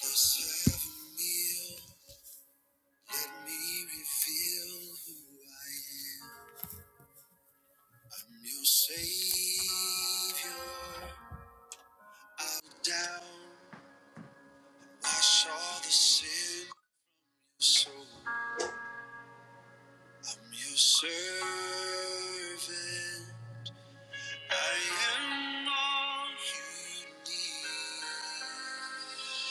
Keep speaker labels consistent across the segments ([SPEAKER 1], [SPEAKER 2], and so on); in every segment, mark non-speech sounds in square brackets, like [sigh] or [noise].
[SPEAKER 1] Serve a meal, let me reveal who I am. I'm your savior. I'll down, wash all the sin. So I'm your servant. I am all you need.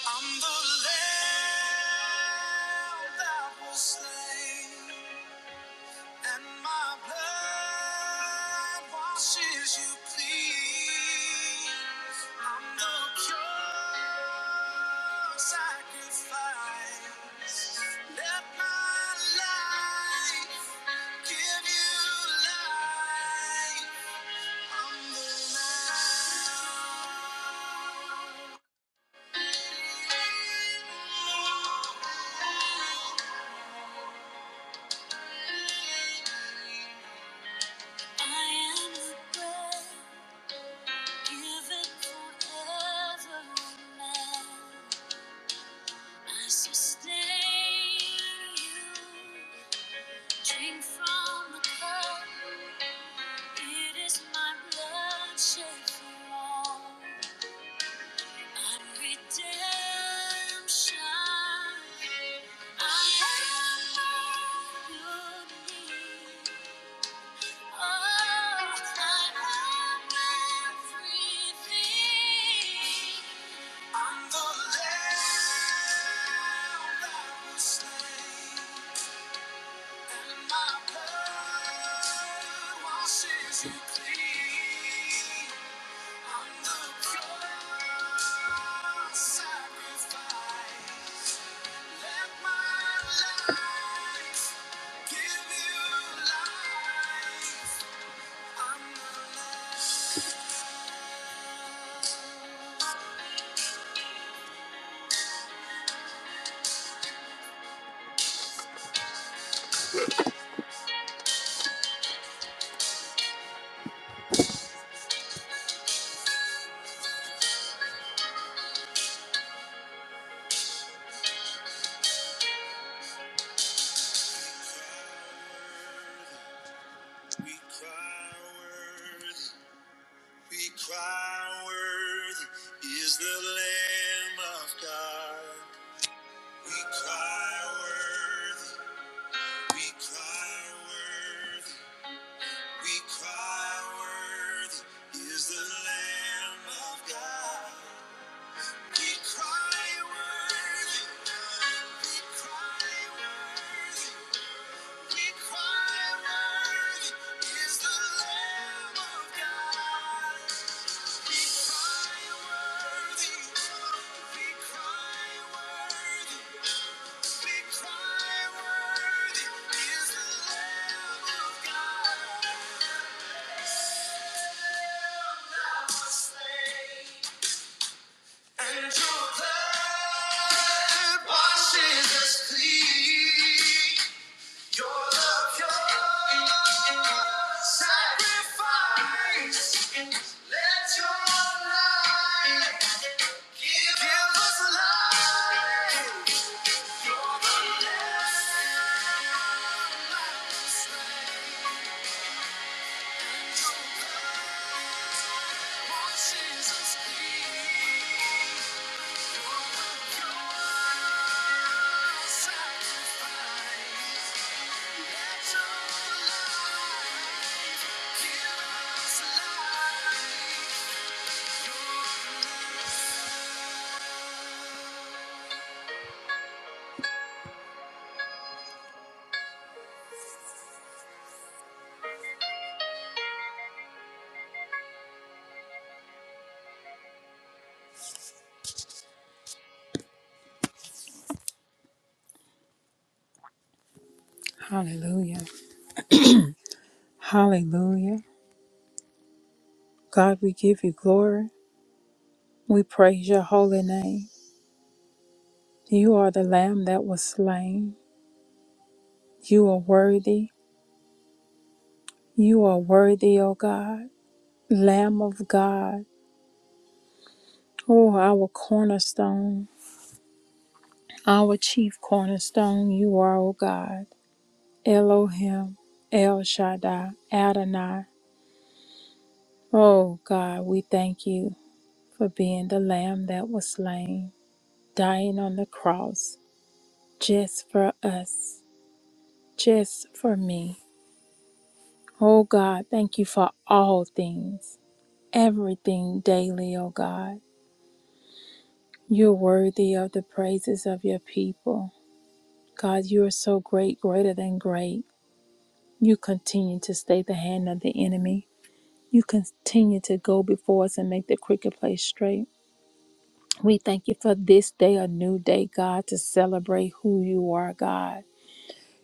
[SPEAKER 1] I'm the lamb that was slain. And my blood washes you clean. I'm the pure sacrifice. Let my life give you life. I'm the lamb. I'm the lamb that was slain, and my blood washes you clean. I'm the pure sacrifice. Let my life give you life. I'm the lamb. We cry worthy, we cry worthy is the Lamb of God. We cry worthy, we cry worthy, we cry worthy is the Lamb of God. We cry worthy, we cry worthy, we cry worthy is the Lamb of God. And your blood washes us clean. Your love, your sacrifice. Let your light Hallelujah. Hallelujah. God, we give you glory. We praise your holy name. You are the lamb that was slain. You are worthy. You are worthy, O God. Lamb of God. Oh, our cornerstone, our chief cornerstone, you are, O God. Elohim, El Shaddai, Adonai. Oh, God, we thank you for being the lamb that was slain, dying on the cross just for us, just for me. Oh, God, thank you for all things, everything daily, oh, God. You're worthy of the praises of your people. God, you are so great, greater than great. You continue to stay the hand of the enemy. You continue to go before us and make the crooked place straight. We thank you for this day, a new day, God, to celebrate who you are, God.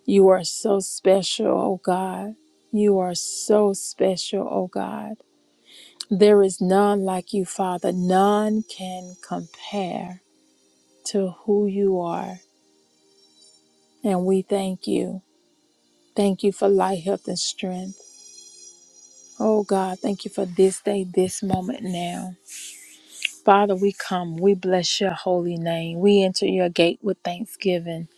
[SPEAKER 1] You are so special, oh God. You are so special, oh God. There is none like you, Father. None can compare to who you are. And we thank you. Thank you for life, health, and strength. Oh God, thank you for this day, this moment now. Father, we come. We bless your holy name. We enter your gate with thanksgiving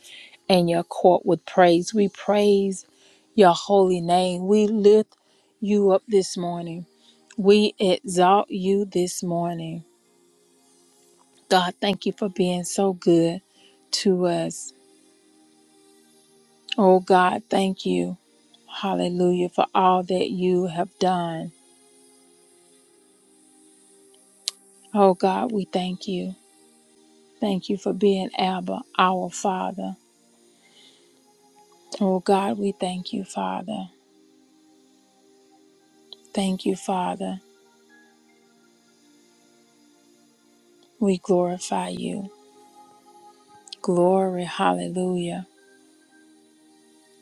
[SPEAKER 1] and your court with praise. We praise your holy name. We lift you up this morning. We exalt you this morning. God, thank you for being so good to us. Oh, God, thank you. Hallelujah for all that you have done. Oh, God, we thank you. Thank you for being Abba, our Father. Oh, God, we thank you, Father. Thank you, Father. We glorify you. Glory, hallelujah.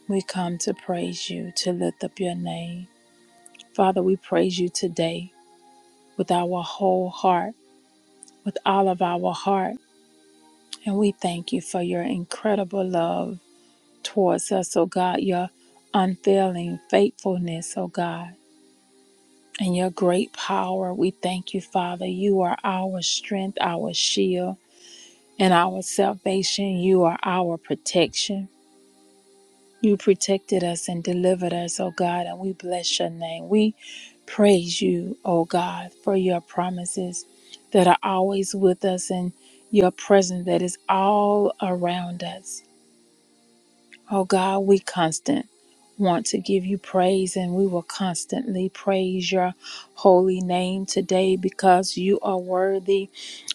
[SPEAKER 1] We come to praise you, to lift up your name. Father, we praise you today with our whole heart, with all of our heart. And we thank you for your incredible love towards us, oh God, your unfailing faithfulness, oh God, and your great power. We thank you, Father. You are our strength, our shield, and our salvation. You are our protection. You protected us and delivered us, O God, and we bless your name. We praise you, O God, for your promises that are always with us and your presence that is all around us. Oh God, we constant want to give you praise and we will constantly praise your holy name today because you are worthy.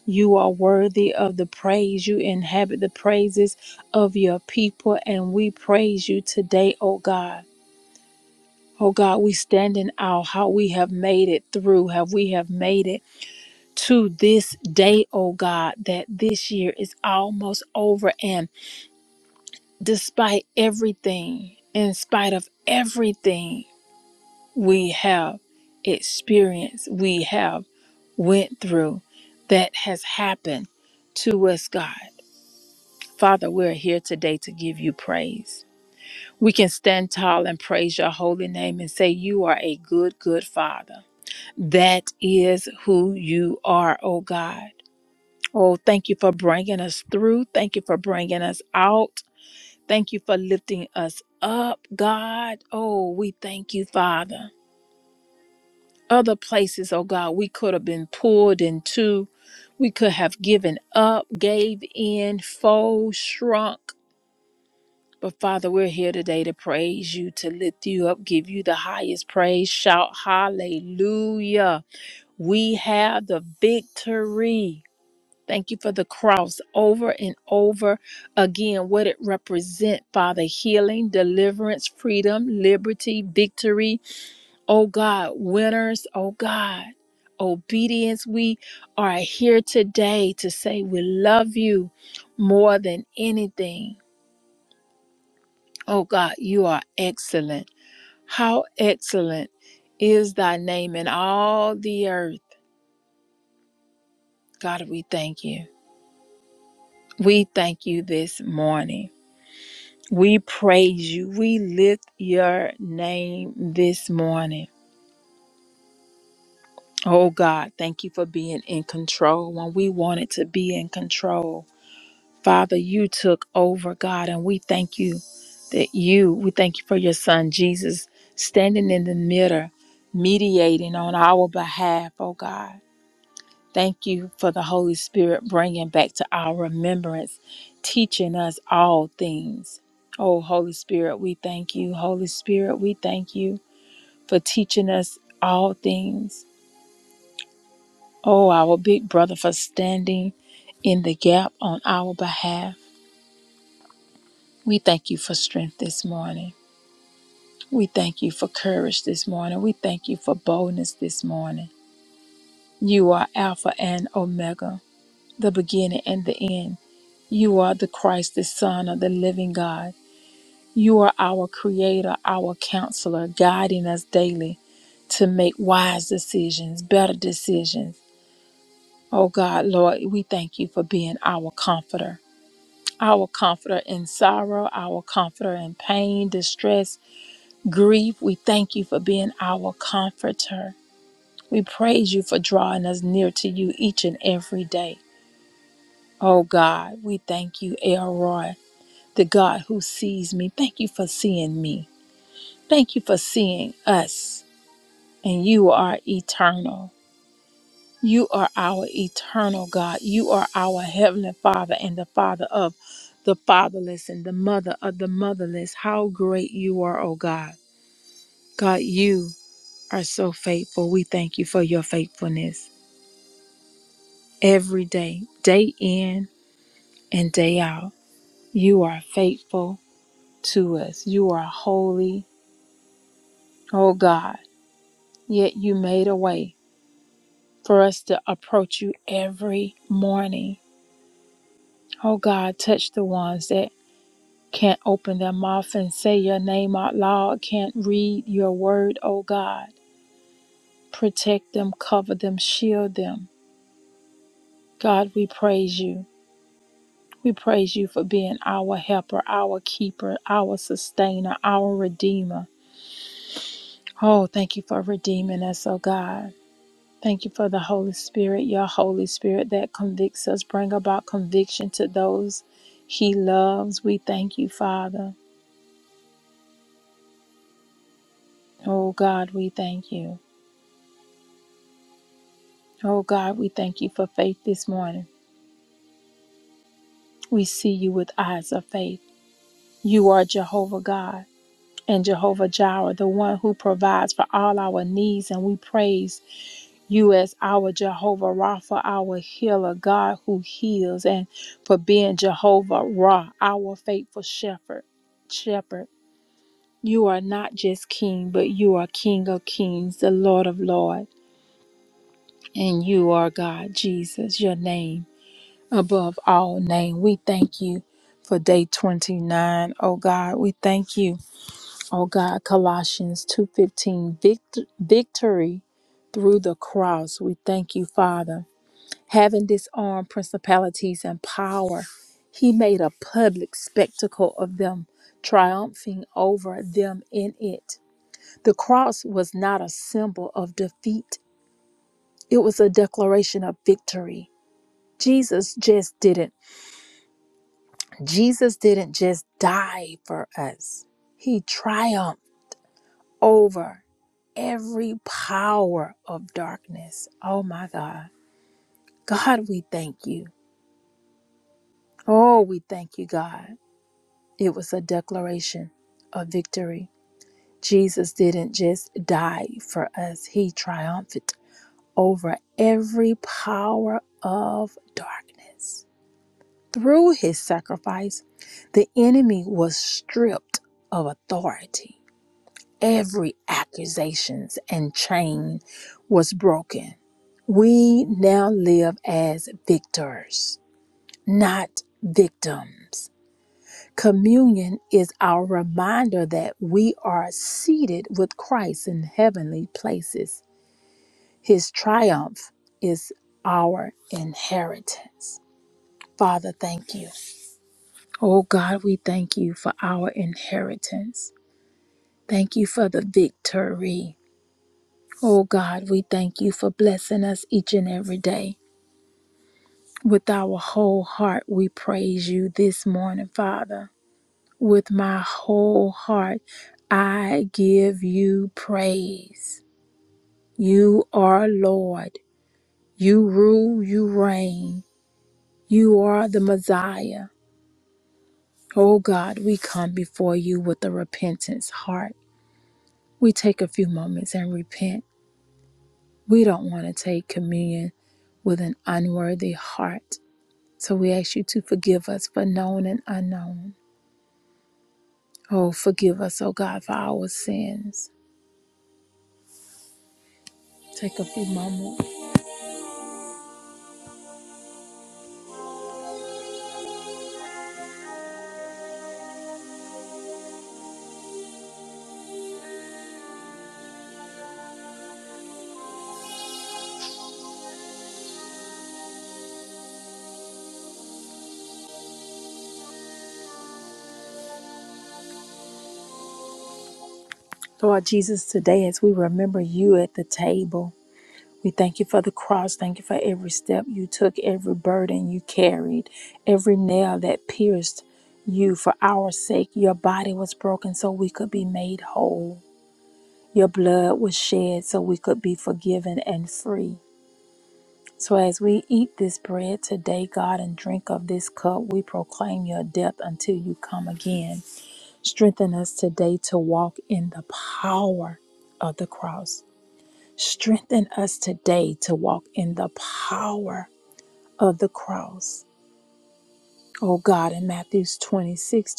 [SPEAKER 1] You are worthy of the praise. You inhabit the praises of your people and we praise you today, oh God. Oh God, we stand in awe how we have made it through, how we have made it to this day, oh God, that this year is almost over despite everything, in spite of everything we have experienced, we have went through that has happened to us, God. Father, we're here today to give you praise. We can stand tall and praise your holy name and say, You are a good, good Father. That is who you are, oh God. Oh, thank you for bringing us through. Thank you for bringing us out. Thank you for lifting us up, God. Oh, we thank you, Father. Other places, oh God, we could have been pulled into. We could have given up, gave in, fold, shrunk. But Father, we're here today to praise you, to lift you up, give you the highest praise. Shout hallelujah. We have the victory. Thank you for the cross over and over again, what it represents, Father. Healing, deliverance, freedom, liberty, victory. Oh God, winners, oh God, obedience. We are here today to say we love you more than anything. Oh God, you are excellent. How excellent is thy name in all the earth. God, we thank you. We thank you this morning. We praise you. We lift your name this morning. Oh God, thank you for being in control when we wanted to be in control. Father, you took over, God, and we thank you that you, we thank you for your son Jesus standing in the middle, mediating on our behalf, oh God. Thank you for the Holy Spirit bringing back to our remembrance, teaching us all things. Oh, Holy Spirit, we thank you. Holy Spirit, we thank you for teaching us all things. Oh, our big brother, for standing in the gap on our behalf. We thank you for strength this morning. We thank you for courage this morning. We thank you for boldness this morning. You are Alpha and Omega. the beginning and the end. You are the Christ, the Son of the living God. You are our creator, our counselor, guiding us daily to make wise decisions, better decisions. Oh God, Lord, we thank you for being our comforter, our comforter in sorrow, our comforter in pain, distress, grief. We thank you for being our comforter. We praise you for drawing us near to you each and every day. Oh God, we thank you, Elroy. the God who sees me. Thank you for seeing me. Thank you for seeing us. And you are eternal. You are our eternal God. You are our heavenly Father and the Father of the fatherless and the mother of the motherless. How great you are, oh God. God, you are so faithful. We thank you for your faithfulness every day, day in and day out. You are faithful to us. You are holy, oh God. yet you made a way for us to approach you every morning. Oh God, touch the ones that can't open their mouth and say your name out loud, can't read your word, oh God. Protect them, cover them, shield them. God, we praise you. We praise you for being our helper, our keeper, our sustainer, our redeemer. Oh, thank you for redeeming us, oh God. Thank you for the Holy Spirit, your Holy Spirit that convicts us, bring about conviction to those he loves. We thank you, Father. Oh God, we thank you. Oh God, we thank you for faith this morning. We see you with eyes of faith. You are Jehovah God and Jehovah Jireh, the one who provides for all our needs, and we praise. you as our Jehovah Rapha, our healer, God who heals, and for being Jehovah Ra, our faithful shepherd. Shepherd, you are not just king, but you are King of kings, the Lord of lords, and you are God, Jesus, your name above all name. We thank you for day 29, O God, we thank you. Oh God, Colossians 2:15, vict- victory through the cross. We thank you, Father having disarmed principalities and power, he made a public spectacle of them, triumphing over them in it. The cross was not a symbol of defeat, it was a declaration of victory. Jesus just didn't. Jesus didn't just die for us. He triumphed over every power of darkness. Oh my God. God, we thank you. Oh, we thank you, God. It was a declaration of victory. Jesus didn't just die for us, he triumphed over every power of darkness. Through his sacrifice, the enemy was stripped of authority. Every accusations and chain was broken. We now live as victors, not victims. Communion is our reminder that we are seated with Christ in heavenly places. His triumph is our inheritance. Father, thank you. Oh God, we thank you for our inheritance. Thank you for the victory. Oh God, we thank you for blessing us each and every day. With our whole heart, we praise you this morning, Father. with my whole heart. I give you praise. You are Lord. You rule, you reign. You are the Messiah. Oh God, we come before you with a repentance heart. We take a few moments and repent. We don't want to take communion with an unworthy heart. So we ask you to forgive us for known and unknown. Oh, forgive us, oh God, for our sins. Take a few moments. Lord Jesus, today as we remember you at the table, we thank you for the cross. Thank you for every step you took, every burden you carried, every nail that pierced you for our sake. Your body was broken so we could be made whole. Your blood was shed so we could be forgiven and free. So as we eat this bread today, God, and drink of this cup, we proclaim your death until you come again. Strengthen us today to walk in the power of the cross. Strengthen us today to walk in the power of the cross. Oh God, in Matthew's 26:26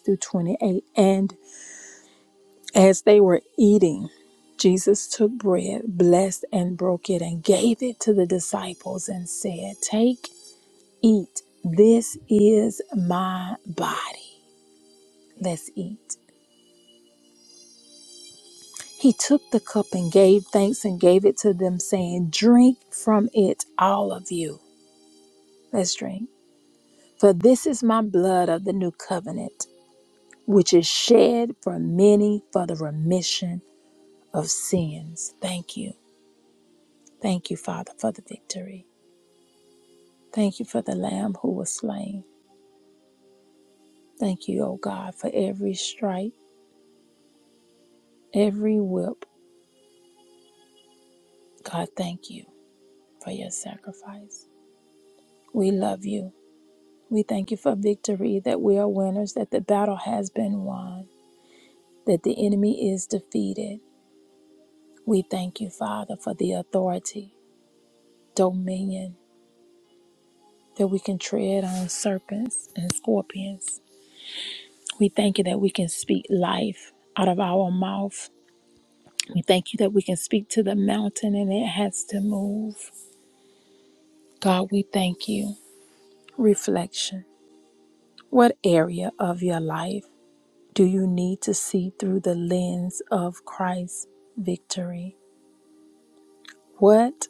[SPEAKER 1] through 28. And as they were eating, Jesus took bread, blessed and broke it, and gave it to the disciples and said, Take, eat. This is my body. Let's eat. He took the cup and gave thanks and gave it to them, saying, Drink from it, all of you. Let's drink. For this is my blood of the new covenant, which is shed for many for the remission of sins. Thank you. Thank you, Father, for the victory. Thank you for the Lamb who was slain. Thank you, O God, for every stripe, every whip. God, thank you for your sacrifice. We love you. We thank you for victory, that we are winners, that the battle has been won, that the enemy is defeated. We thank you, Father, for the authority, dominion, that we can tread on serpents and scorpions. We thank you that we can speak life out of our mouth. We thank you that we can speak to the mountain and it has to move. God, we thank you. Reflection. What area of your life do you need to see through the lens of Christ's victory? What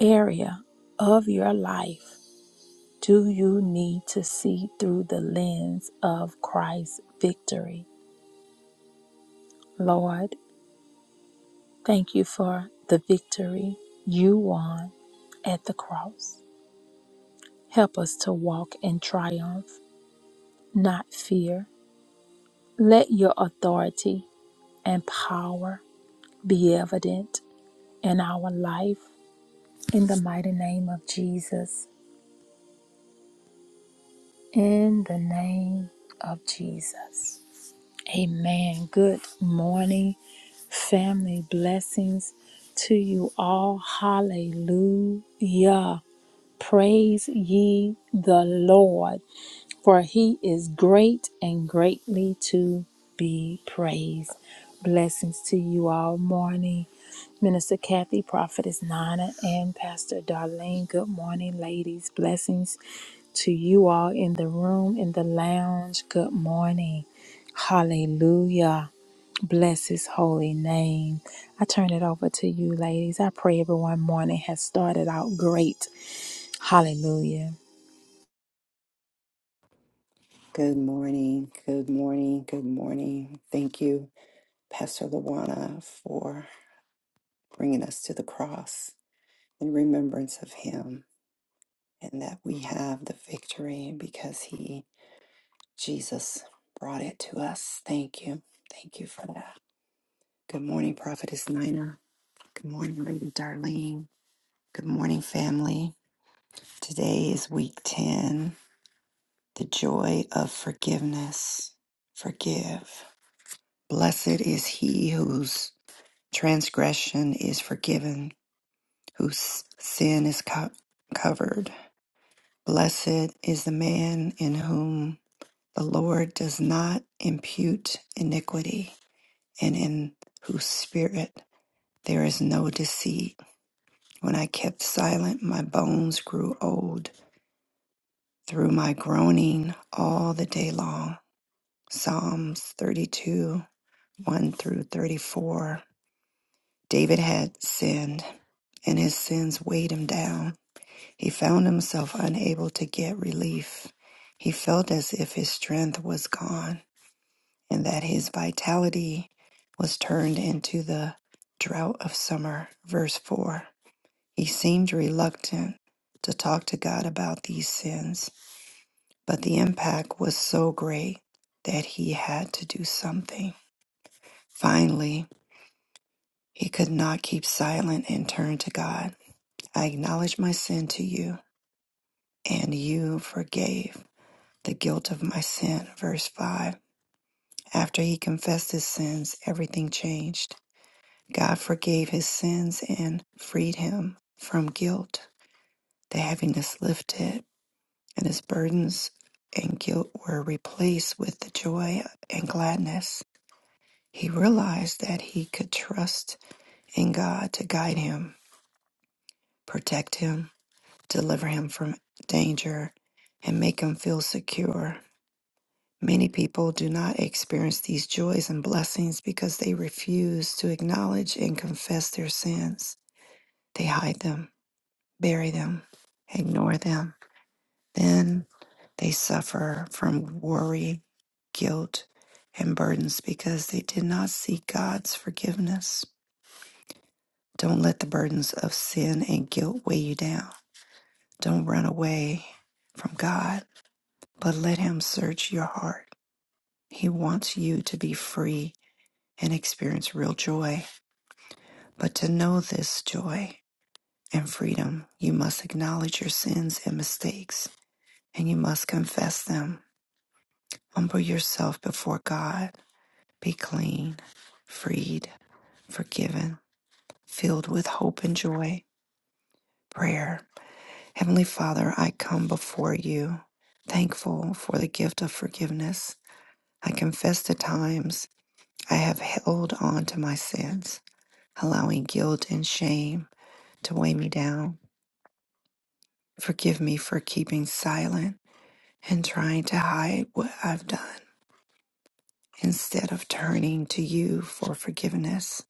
[SPEAKER 1] area of your life do you need to see through the lens of Christ's victory? Lord, Thank you for the victory you won at the cross. Help us to walk in triumph, not fear. Let your authority and power be evident in our life. In the mighty name of Jesus. In the name of Jesus. Amen. Good morning, family. Blessings to you all. Hallelujah. Praise ye the Lord, for he is great and greatly to be praised. Blessings to you all morning. Minister Kathy, Prophetess Nana, and Pastor Darlene. Good morning, ladies. Blessings to you all in the room, in the lounge. Good morning. Hallelujah. Bless his holy name. I turn it over to you, ladies. I pray everyone morning has started out great. Hallelujah.
[SPEAKER 2] Good morning. Good morning. Good morning. Thank you, Pastor Luana, for bringing us to the cross in remembrance of him and that we have the victory because he, Jesus, brought it to us. Thank you. Thank you for that. Good morning, Prophetess Nina. Good morning, Lady Darlene. Good morning, family. Today is week 10, the joy of forgiveness. Forgive. Blessed is he whose transgression is forgiven, whose sin is co- covered. Blessed is the man in whom the Lord does not impute iniquity, and in whose spirit there is no deceit. When I kept silent, my bones grew old through my groaning all the day long. Psalms 32 1 through 34. David had sinned, and his sins weighed him down He found himself unable to get relief. He felt as if his strength was gone and that his vitality was turned into the drought of summer. Verse 4 He seemed reluctant to talk to God about these sins, but the impact was so great that he had to do something. Finally, he could not keep silent and turned to God. I acknowledge my sin to you, and you forgave. the guilt of my sin. Verse 5 After he confessed his sins, everything changed. God forgave his sins and freed him from guilt. The heaviness lifted, and his burdens and guilt were replaced with the joy and gladness. He realized that he could trust in God to guide him, protect him, deliver him from danger, and make him feel secure Many people do not experience these joys and blessings because they refuse to acknowledge and confess their sins. They hide them, bury them, ignore them. Then they suffer from worry, guilt, and burdens because they did not seek God's forgiveness. Don't let the burdens of sin and guilt weigh you down. Don't run away from God, but let Him search your heart. He wants you to be free and experience real joy. But to know this joy and freedom, you must acknowledge your sins and mistakes, and you must confess them. Humble yourself before God. Be clean, freed, forgiven, filled with hope and joy. Prayer. Heavenly Father, I come before you, thankful for the gift of forgiveness. I confess the times I have held on to my sins, allowing guilt and shame to weigh me down. Forgive me for keeping silent and trying to hide what I've done instead of turning to you for forgiveness.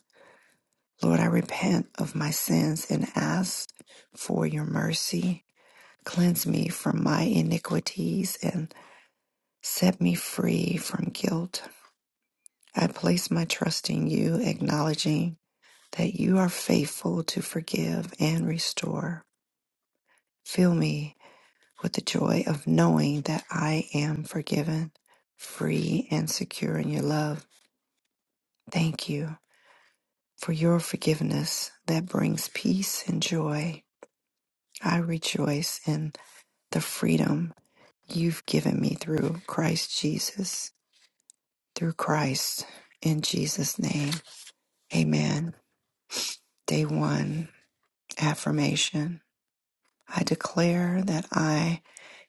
[SPEAKER 2] Lord, I repent of my sins and ask for your mercy. Cleanse me from my iniquities and set me free from guilt. I place my trust in you, acknowledging that you are faithful to forgive and restore. Fill me with the joy of knowing that I am forgiven, free, and secure in your love. Thank you for your forgiveness that brings peace and joy. I rejoice in the freedom you've given me through Christ Jesus, through Christ in Jesus' name. Amen. Day one affirmation. I declare that I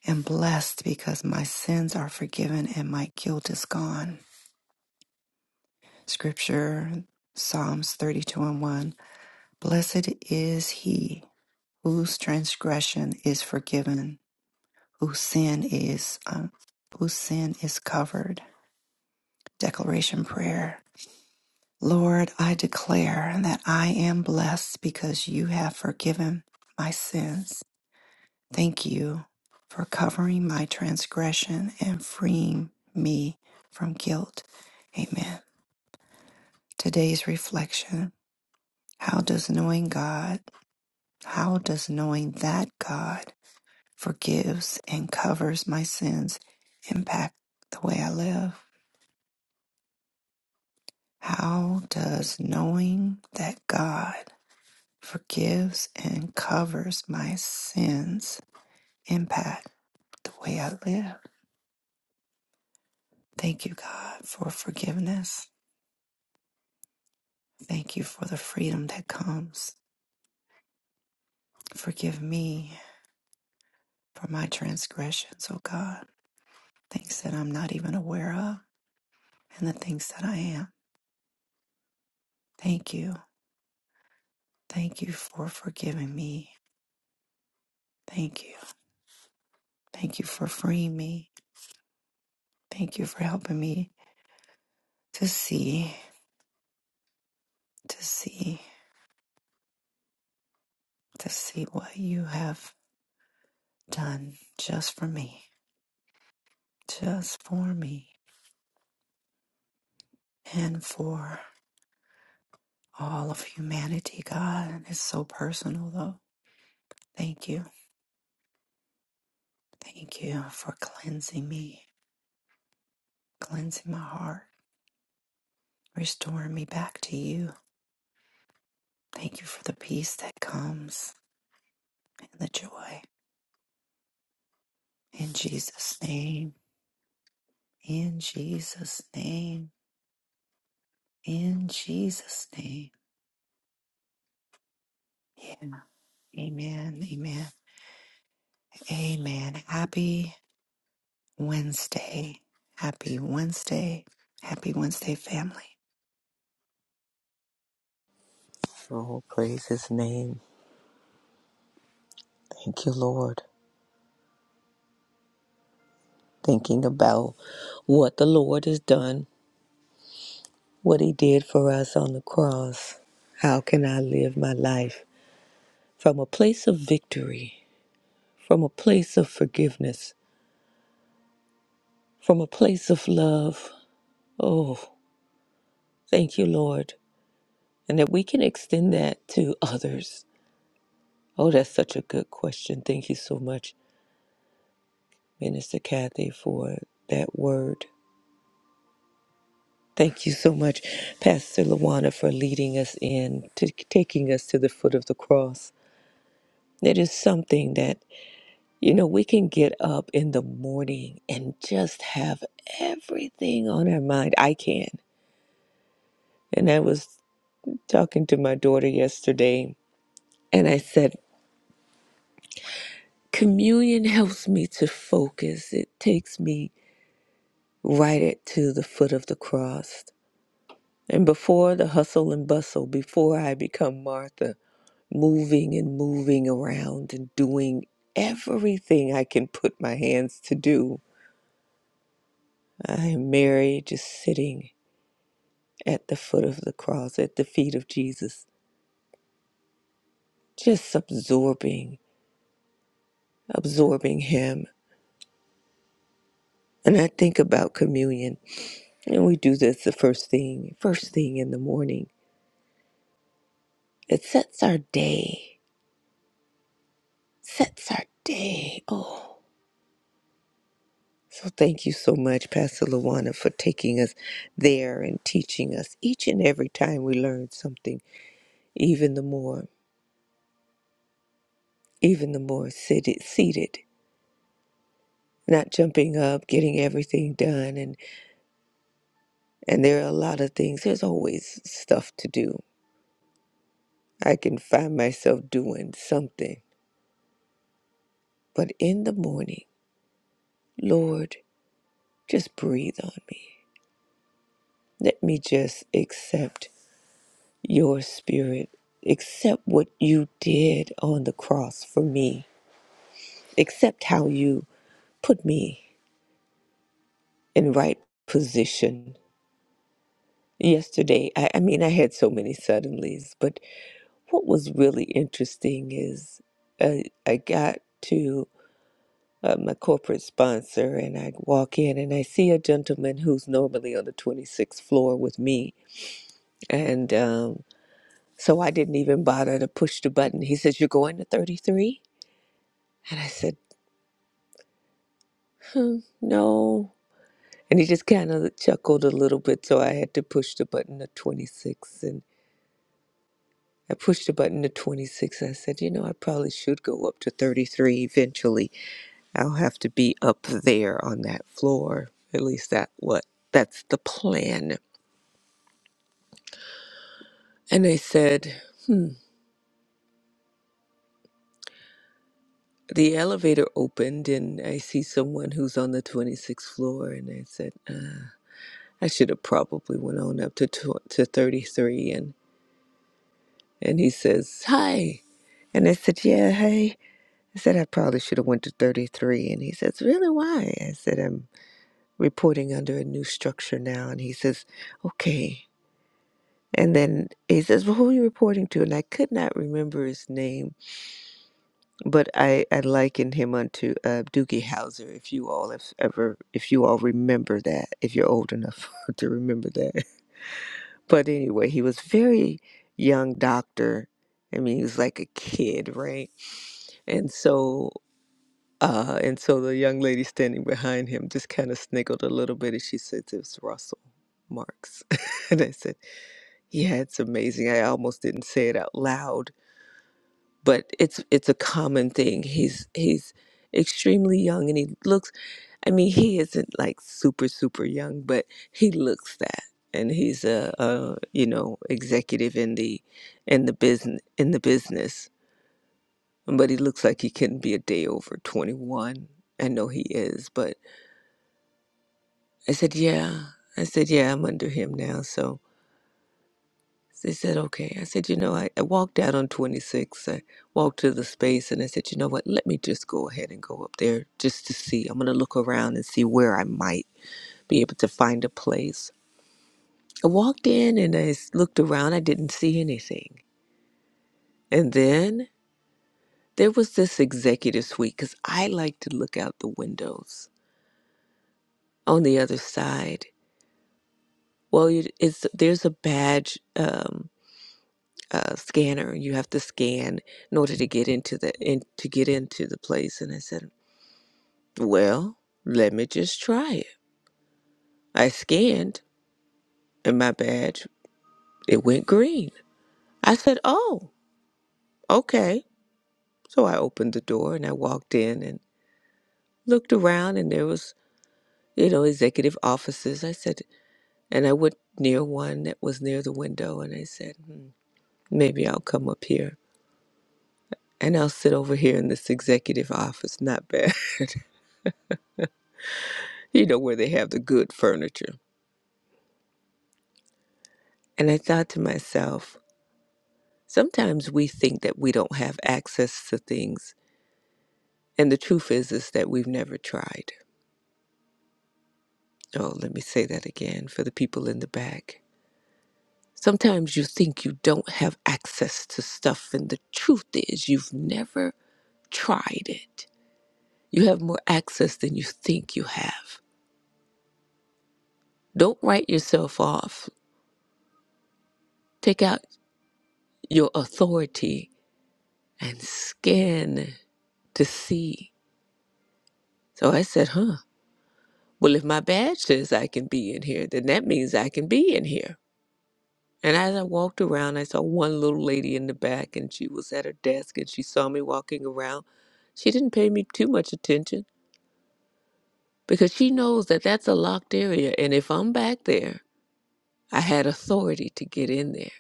[SPEAKER 2] am blessed because my sins are forgiven and my guilt is gone. Scripture, Psalms 32 and 1. Blessed is he whose transgression is forgiven, whose sin is um, whose sin is covered. Declaration prayer. Lord, I declare that I am blessed because you have forgiven my sins. Thank you for covering my transgression and freeing me from guilt. Amen. Today's reflection. How does knowing God How does knowing that God forgives and covers my sins impact the way I live? How does knowing that God forgives and covers my sins impact the way I live? Thank you, God, for forgiveness. Thank you for the freedom that comes. Forgive me for my transgressions, O God, things that I'm not even aware of and the things that I am. Thank you. Thank you for forgiving me. Thank you. Thank you for freeing me. Thank you for helping me to see, to see, to see what you have done just for me, just for me, and for all of humanity, God. It's so personal, though. Thank you. Thank you for cleansing me, cleansing my heart, restoring me back to you. Thank you for the peace that comes and the joy. In Jesus' name. In Jesus' name. In Jesus' name. Yeah. Amen. Amen. Amen. Happy Wednesday. Happy Wednesday. Happy Wednesday, family.
[SPEAKER 3] Oh, praise his name. Thank you, Lord. Thinking about what the Lord has done, what he did for us on the cross. How can I live my life from a place of victory, from a place of forgiveness, from a place of love? Oh, thank you, Lord. And that we can extend that to others. Oh, that's such a good question. Thank you so much, Minister Kathy, for that word. Thank you so much, Pastor Lawana, for leading us in to taking us to the foot of the cross. It is something that, you know, we can get up in the morning and just have everything on our mind. I can. And I was talking to my daughter yesterday, and I said, Communion helps me to focus. It takes me right at to the foot of the cross. And before the hustle and bustle, before I become Martha, moving and moving around and doing everything I can put my hands to do. I am Mary just sitting at the foot of the cross, at the feet of Jesus, just absorbing, absorbing Him. And I think about communion, and we do this the first thing, first thing in the morning. It sets our day, sets our day. Oh. So thank you so much, Pastor Luana, for taking us there and teaching us. Each and every time we learn something, even the more, even the more seated, seated, not jumping up, getting everything done, and and there are a lot of things. There's always stuff to do. I can find myself doing something, but in the morning, Lord, just breathe on me. Let me just accept your spirit. Accept what you did on the cross for me Except how you put me in right position. Yesterday, I, I mean, I had so many suddenlies, but what was really interesting is uh, I got to uh, my corporate sponsor and I walk in and I see a gentleman who's normally on the 26th floor with me. And um, so I didn't even bother to push the button. He says, You're going to 33," And I said, No, And he just kind of chuckled a little bit. So I had to push the button to 26. And I pushed the button to 26. I said, you know, I probably should go up to 33 eventually. I'll have to be up there on that floor. At least that what that's the plan. And I said, the elevator opened and I see someone who's on the 26th floor. And I said, uh, I should have probably went on up to, tw- to 33. And, and he says, hi. And I said, yeah, hey. I said I probably should have went to 33 and he says, "Really why?" I said I'm reporting under a new structure now and he says, "Okay." And then he says, "Well, who are you reporting to?" And I could not remember his name, but I, I likened him unto uh, Doogie Howser. If you all have ever, if you all remember that, if you're old enough [laughs] to remember that. But anyway, he was very young doctor. I mean, he was like a kid, right? And so Uh, and so the young lady standing behind him just kind of sniggled a little bit and she said, It was Russell Marks. [laughs] and I said, Yeah, it's amazing. I almost didn't say it out loud, but it's it's a common thing. He's he's extremely young and he looks I mean, he isn't like super, super young, but he looks that. And he's a, a you know, executive in the in the business in the business. But he looks like he couldn't be a day over twenty one. I know he is, but I said, Yeah. I said, Yeah, I'm under him now. So they said, Okay. I said, You know, I, I walked out on 26. I walked to the space and I said, You know what? Let me just go ahead and go up there just to see. I'm going to look around and see where I might be able to find a place. I walked in and I s- looked around. I didn't see anything. And then there was this executive suite because I like to look out the windows on the other side. Well, you- it's there's a badge. Um, uh, scanner. You have to scan in order to get into the in, to get into the place." And I said, "Well, let me just try it." I scanned, and my badge it went green. I said, "Oh, okay." So I opened the door and I walked in and looked around, and there was you know executive offices. I said, and I went near one that was near the window, and I said, hmm, "Maybe I'll come up here." And I'll sit over here in this executive office. Not bad. [laughs] You know, where they have the good furniture. And I thought to myself, sometimes we think that we don't have access to things. And the truth is, is that we've never tried. Oh, let me say that again for the people in the back. Sometimes you think you don't have access to stuff, and the truth is, you've never tried it. You have more access than you think you have. Don't write yourself off. Take out your authority and scan to see. So I said, huh, Well, if my badge says I can be in here, then that means I can be in here. And as I walked around, I saw one little lady in the back, and she was at her desk and she saw me walking around. She didn't pay me too much attention because she knows that that's a locked area. And if I'm back there, I had authority to get in there.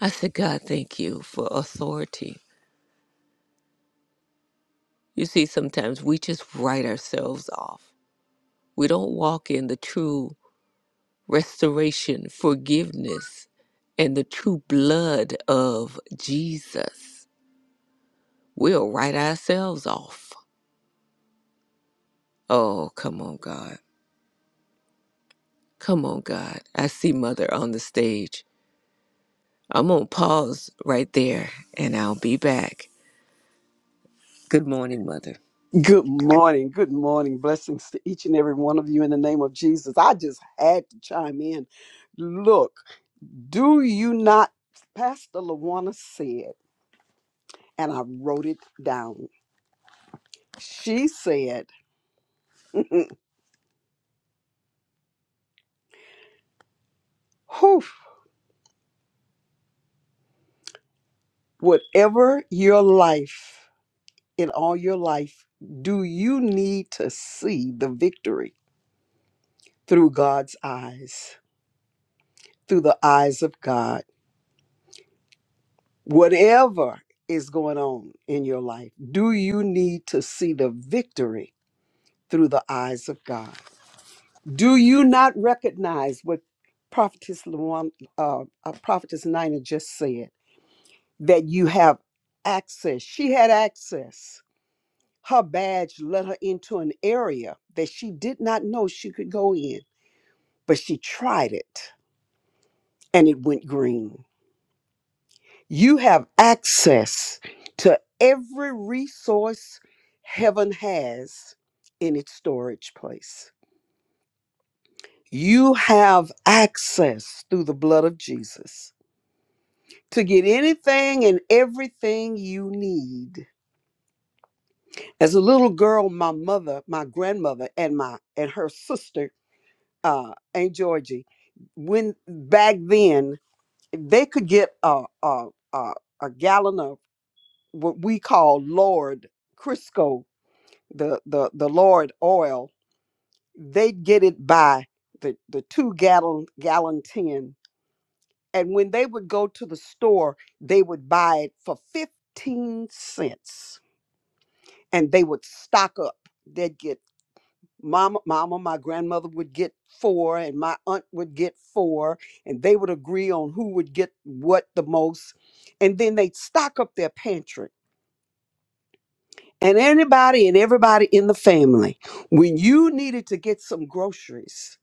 [SPEAKER 3] I said, God, thank you for authority. You see, sometimes we just write ourselves off. We don't walk in the true restoration, forgiveness, and the true blood of Jesus, we'll write ourselves off. Oh, come on, God. Come on, God. I see Mother on the stage. I'm going to pause right there and I'll be back. Good morning, Mother.
[SPEAKER 4] Good morning. Good morning. Blessings to each and every one of you in the name of Jesus. I just had to chime in. Look, do you not, Pastor Lawana said, and I wrote it down. She said, [laughs] Whew, whatever your life, in all your life, do you need to see the victory through God's eyes, through the eyes of God? Whatever is going on in your life, do you need to see the victory through the eyes of God? Do you not recognize what Prophetess, Luan, uh, uh, Prophetess Nina just said that you have access? She had access. Her badge led her into an area that she did not know she could go in, but she tried it and it went green. You have access to every resource heaven has in its storage place. You have access through the blood of Jesus to get anything and everything you need. As a little girl, my mother, my grandmother, and my and her sister, uh, Aunt Georgie, when back then they could get a a a, a gallon of what we call Lord Crisco the the the Lord oil, they would get it by the the two gallon gallon tin. And when they would go to the store, they would buy it for fifteen cents, and they would stock up. They'd get mama, mama, my grandmother would get four, and my aunt would get four, and they would agree on who would get what the most, and then they'd stock up their pantry. And anybody and everybody in the family, when you needed to get some groceries,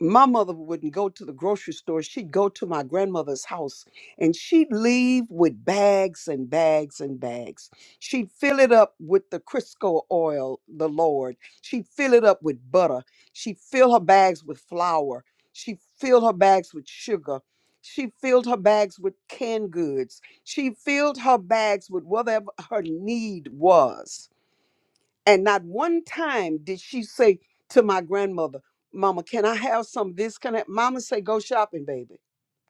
[SPEAKER 4] my mother wouldn't go to the grocery store. She'd go to my grandmother's house and she'd leave with bags and bags and bags. She'd fill it up with the Crisco oil, the Lord. She'd fill it up with butter. She'd fill her bags with flour. She filled her bags with sugar. She filled her bags with canned goods. She filled her bags with whatever her need was. And not one time did she say to my grandmother, Mama, can I have some of this? Can I? Mama say, go shopping, baby.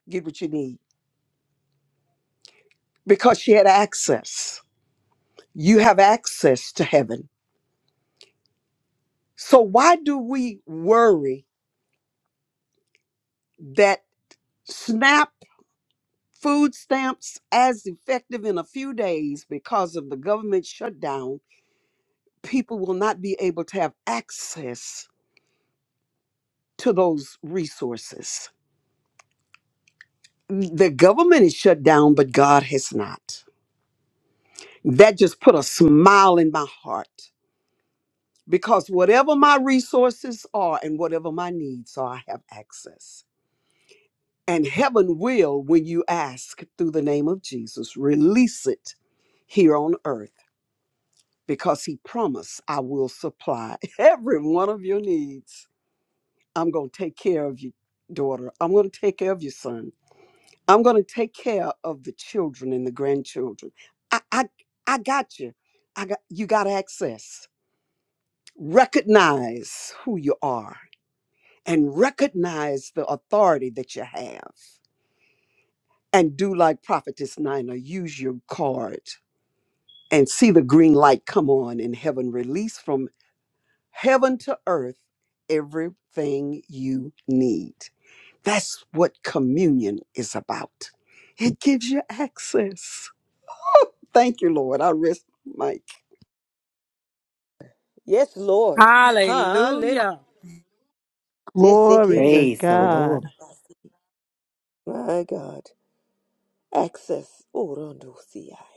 [SPEAKER 4] Get what you need. Because she had access. You have access to heaven. So why do we worry that SNAP food stamps as effective in a few days because of the government shutdown, people will not be able to have access to those resources. The government is shut down, but God has not. that just put a smile in my heart because whatever my resources are and whatever my needs are, I have access. And heaven will, when you ask through the name of Jesus, release it here on earth because he promised, I will supply [laughs] every one of your needs. I'm going to take care of you, daughter. I'm going to take care of your son. I'm going to take care of the children and the grandchildren. I, I, I got you. I got, you got access. recognize who you are and recognize the authority that you have and do like prophetess nina use your card and see the green light come on in heaven release from heaven to earth everything you need that's what communion is about it gives you access thank you lord i rest my
[SPEAKER 3] Yes, Lord. Hallelujah.
[SPEAKER 1] Hallelujah.
[SPEAKER 5] Glory to God.
[SPEAKER 3] My God. Access. Orondosi.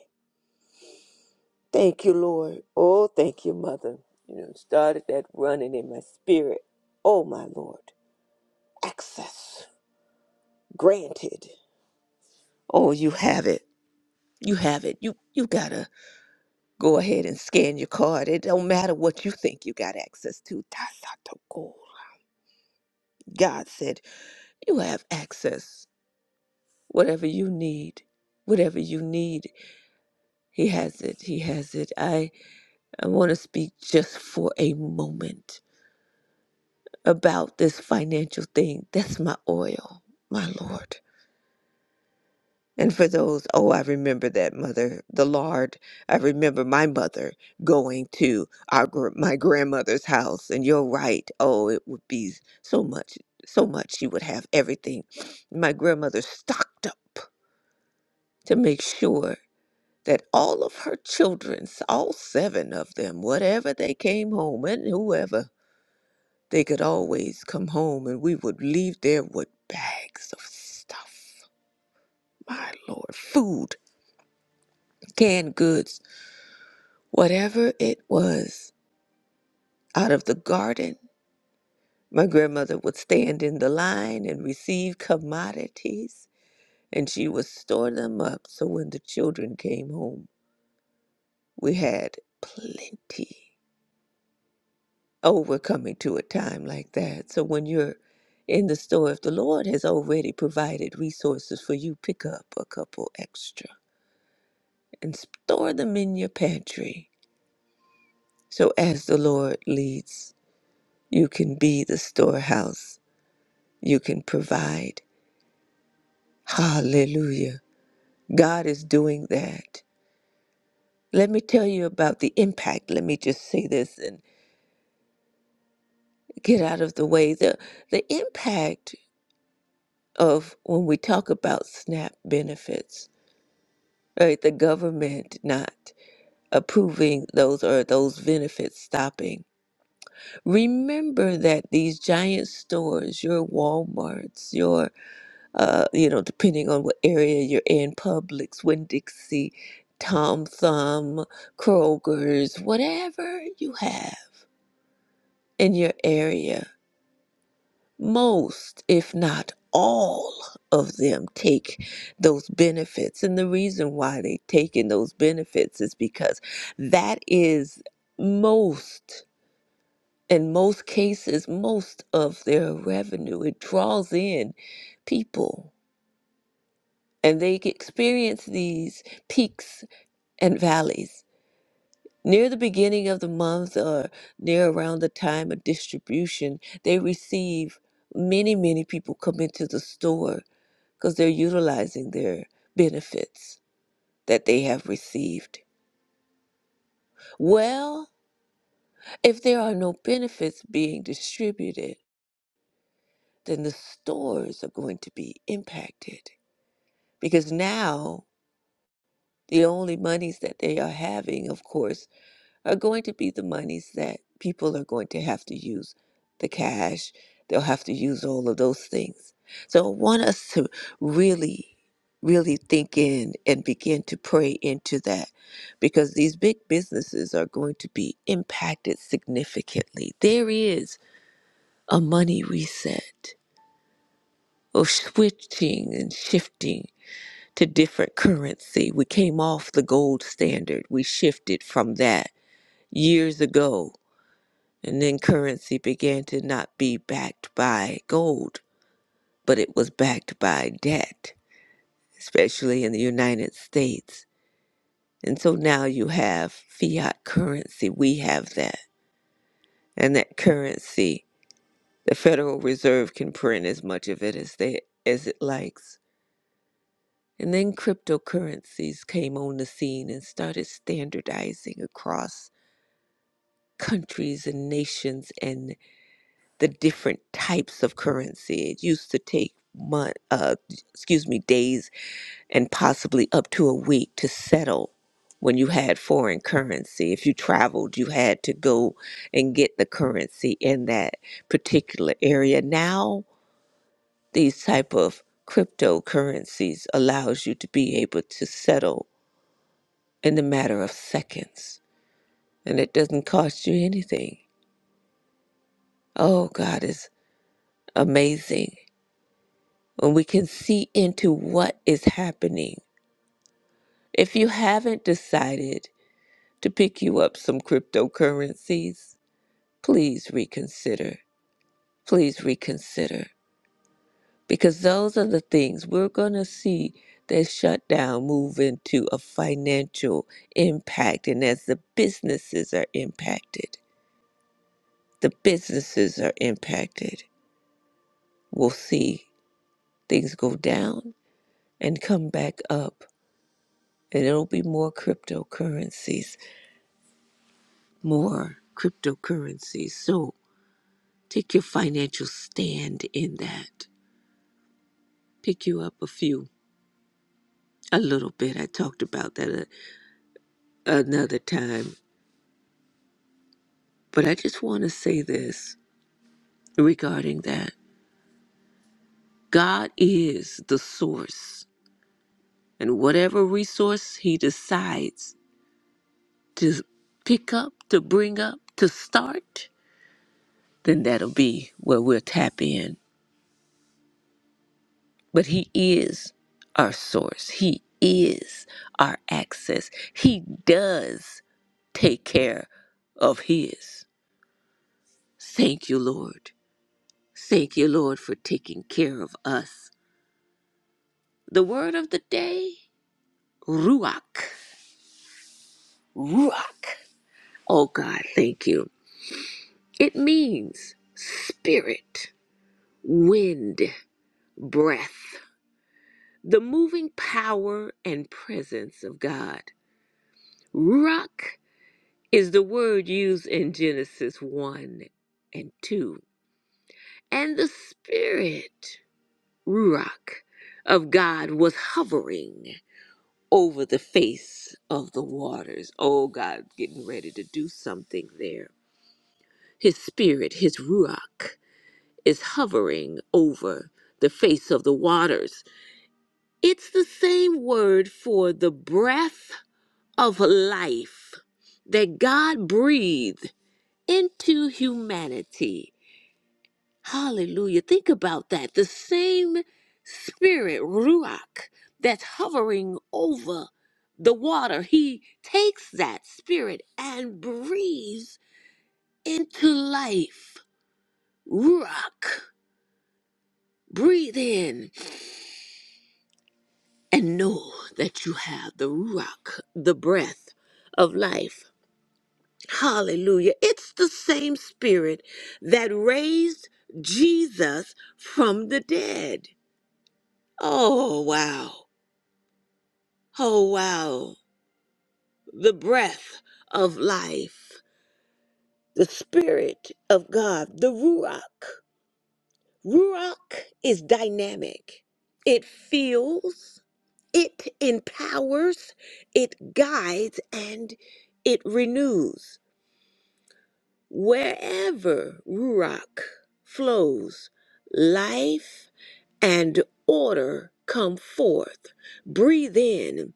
[SPEAKER 3] Thank you, Lord. Oh, thank you, Mother. You know, started that running in my spirit. Oh, my Lord. Access granted. Oh, you have it. You have it. You you gotta go ahead and scan your card. It don't matter what you think you got access to. That's not the goal. God said you have access. Whatever you need, whatever you need, He has it. He has it. I I want to speak just for a moment about this financial thing. That's my oil, my Lord. And for those, oh, I remember that mother, the Lord. I remember my mother going to our gr- my grandmother's house. And you're right. Oh, it would be so much, so much. She would have everything. My grandmother stocked up to make sure that all of her children, all seven of them, whatever they came home and whoever They could always come home and we would leave there with bags of stuff. My Lord, food, canned goods, whatever it was out of the garden. My grandmother would stand in the line and receive commodities, and she would store them up so when the children came home, we had plenty. Oh, we're coming to a time like that. So when you're in the store, if the Lord has already provided resources for you, pick up a couple extra and store them in your pantry. So as the Lord leads, you can be the storehouse, you can provide. Hallelujah. God is doing that. Let me tell you about the impact. Let me just say this and get out of the way. The, the impact of when we talk about SNAP benefits right? The government not approving those or those benefits stopping. Remember that these giant stores, your Walmarts, your uh, you know, depending on what area you're in, Publix, Winn Dixie, Tom Thumb, Kroger's, whatever you have in your area most, if not all, of them take those benefits. And the reason why they take in those benefits is because that is most, in most cases, most of their revenue. It draws in people and they experience these peaks and valleys. Near the beginning of the month or near around the time of distribution, they receive many, many people come into the store because they're utilizing their benefits that they have received. Well, if there are no benefits being distributed, then the stores are going to be impacted because now the only monies that they are having, of course, are going to be the monies that people are going to have to use the cash, they'll have to use all of those things. So I want us to really, really think in and begin to pray into that because these big businesses are going to be impacted significantly. There is a money reset of switching and shifting to different currency. We came off the gold standard, we shifted from that years ago And then currency began to not be backed by gold, but it was backed by debt, especially in the United States. And so now you have fiat currency. We have that. And that currency, the Federal Reserve can print as much of it as they as it likes. And then cryptocurrencies came on the scene and started standardizing across countries and nations and the different types of currency. It used to take month, uh, excuse me, days and possibly up to a week to settle when you had foreign currency. If you traveled, you had to go and get the currency in that particular area. Now, these type of cryptocurrencies allows you to be able to settle in the matter of seconds, and it doesn't cost you anything. Oh, God is amazing. when we can see into what is happening. If you haven't decided to pick you up some cryptocurrencies, please reconsider. Please reconsider. Because those are the things we're going to see that shutdown move into a financial impact. And as the businesses are impacted, the businesses are impacted, we'll see things go down and come back up. And it'll be more cryptocurrencies more cryptocurrencies. So take your financial stand in that. Pick you up a few, a little bit. I talked about that a, another time. But I just want to say this regarding that God is the source, and whatever resource He decides to pick up, to bring up, to start, then that'll be where we'll tap in but He is our source. He is our access. He does take care of His. Thank you, Lord. Thank you, Lord, for taking care of us. The word of the day Ruach. Ruach. Oh, God, thank you. It means spirit, wind, breath, the moving power and presence of God. Ruach is the word used in Genesis 1 and 2. And the Spirit, Ruach, of God was hovering over the face of the waters. Oh, God's getting ready to do something there. His Spirit, His Ruach, is hovering over the face of the waters. It's the same word for the breath of life that God breathed into humanity Hallelujah. Think about that. The same spirit, Ruach, that's hovering over the water, he takes that spirit and breathes into life. Ruach, breathe in and know that you have the Ruach, the breath of life. Hallelujah. It's the same spirit that raised Jesus from the dead. Oh, wow. Oh, wow. The breath of life, the spirit of God, the Ruach. Ruach is dynamic, it fuels, it empowers, it guides, and it renews. Wherever Ruach flows, life and order come forth. Breathe in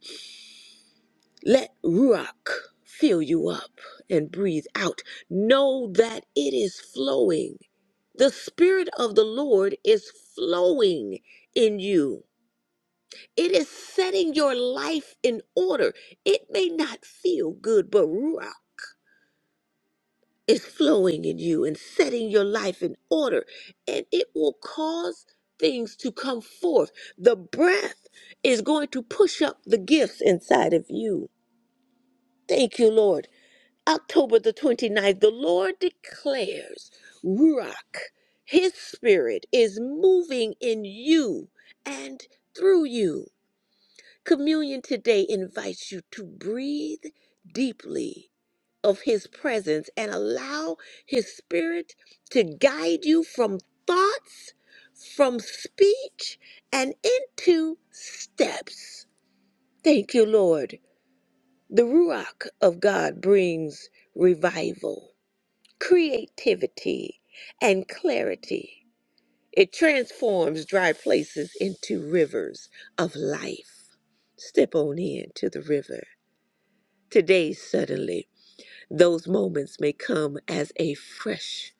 [SPEAKER 3] Let Ruach fill you up and breathe out. Know that it is flowing. The Spirit of the Lord is flowing in you. It is setting your life in order. It may not feel good, but Ruach is flowing in you and setting your life in order. And it will cause things to come forth. The breath is going to push up the gifts inside of you. Thank you, Lord. October the 29th, the Lord declares, Ruach, His Spirit is moving in you and through you. Communion today invites you to breathe deeply of His presence and allow His Spirit to guide you from thoughts, from speech, and into steps. Thank you, Lord. The Ruach of God brings revival creativity, and clarity. It transforms dry places into rivers of life. Step on in to the river. Today, suddenly, those moments may come as a fresh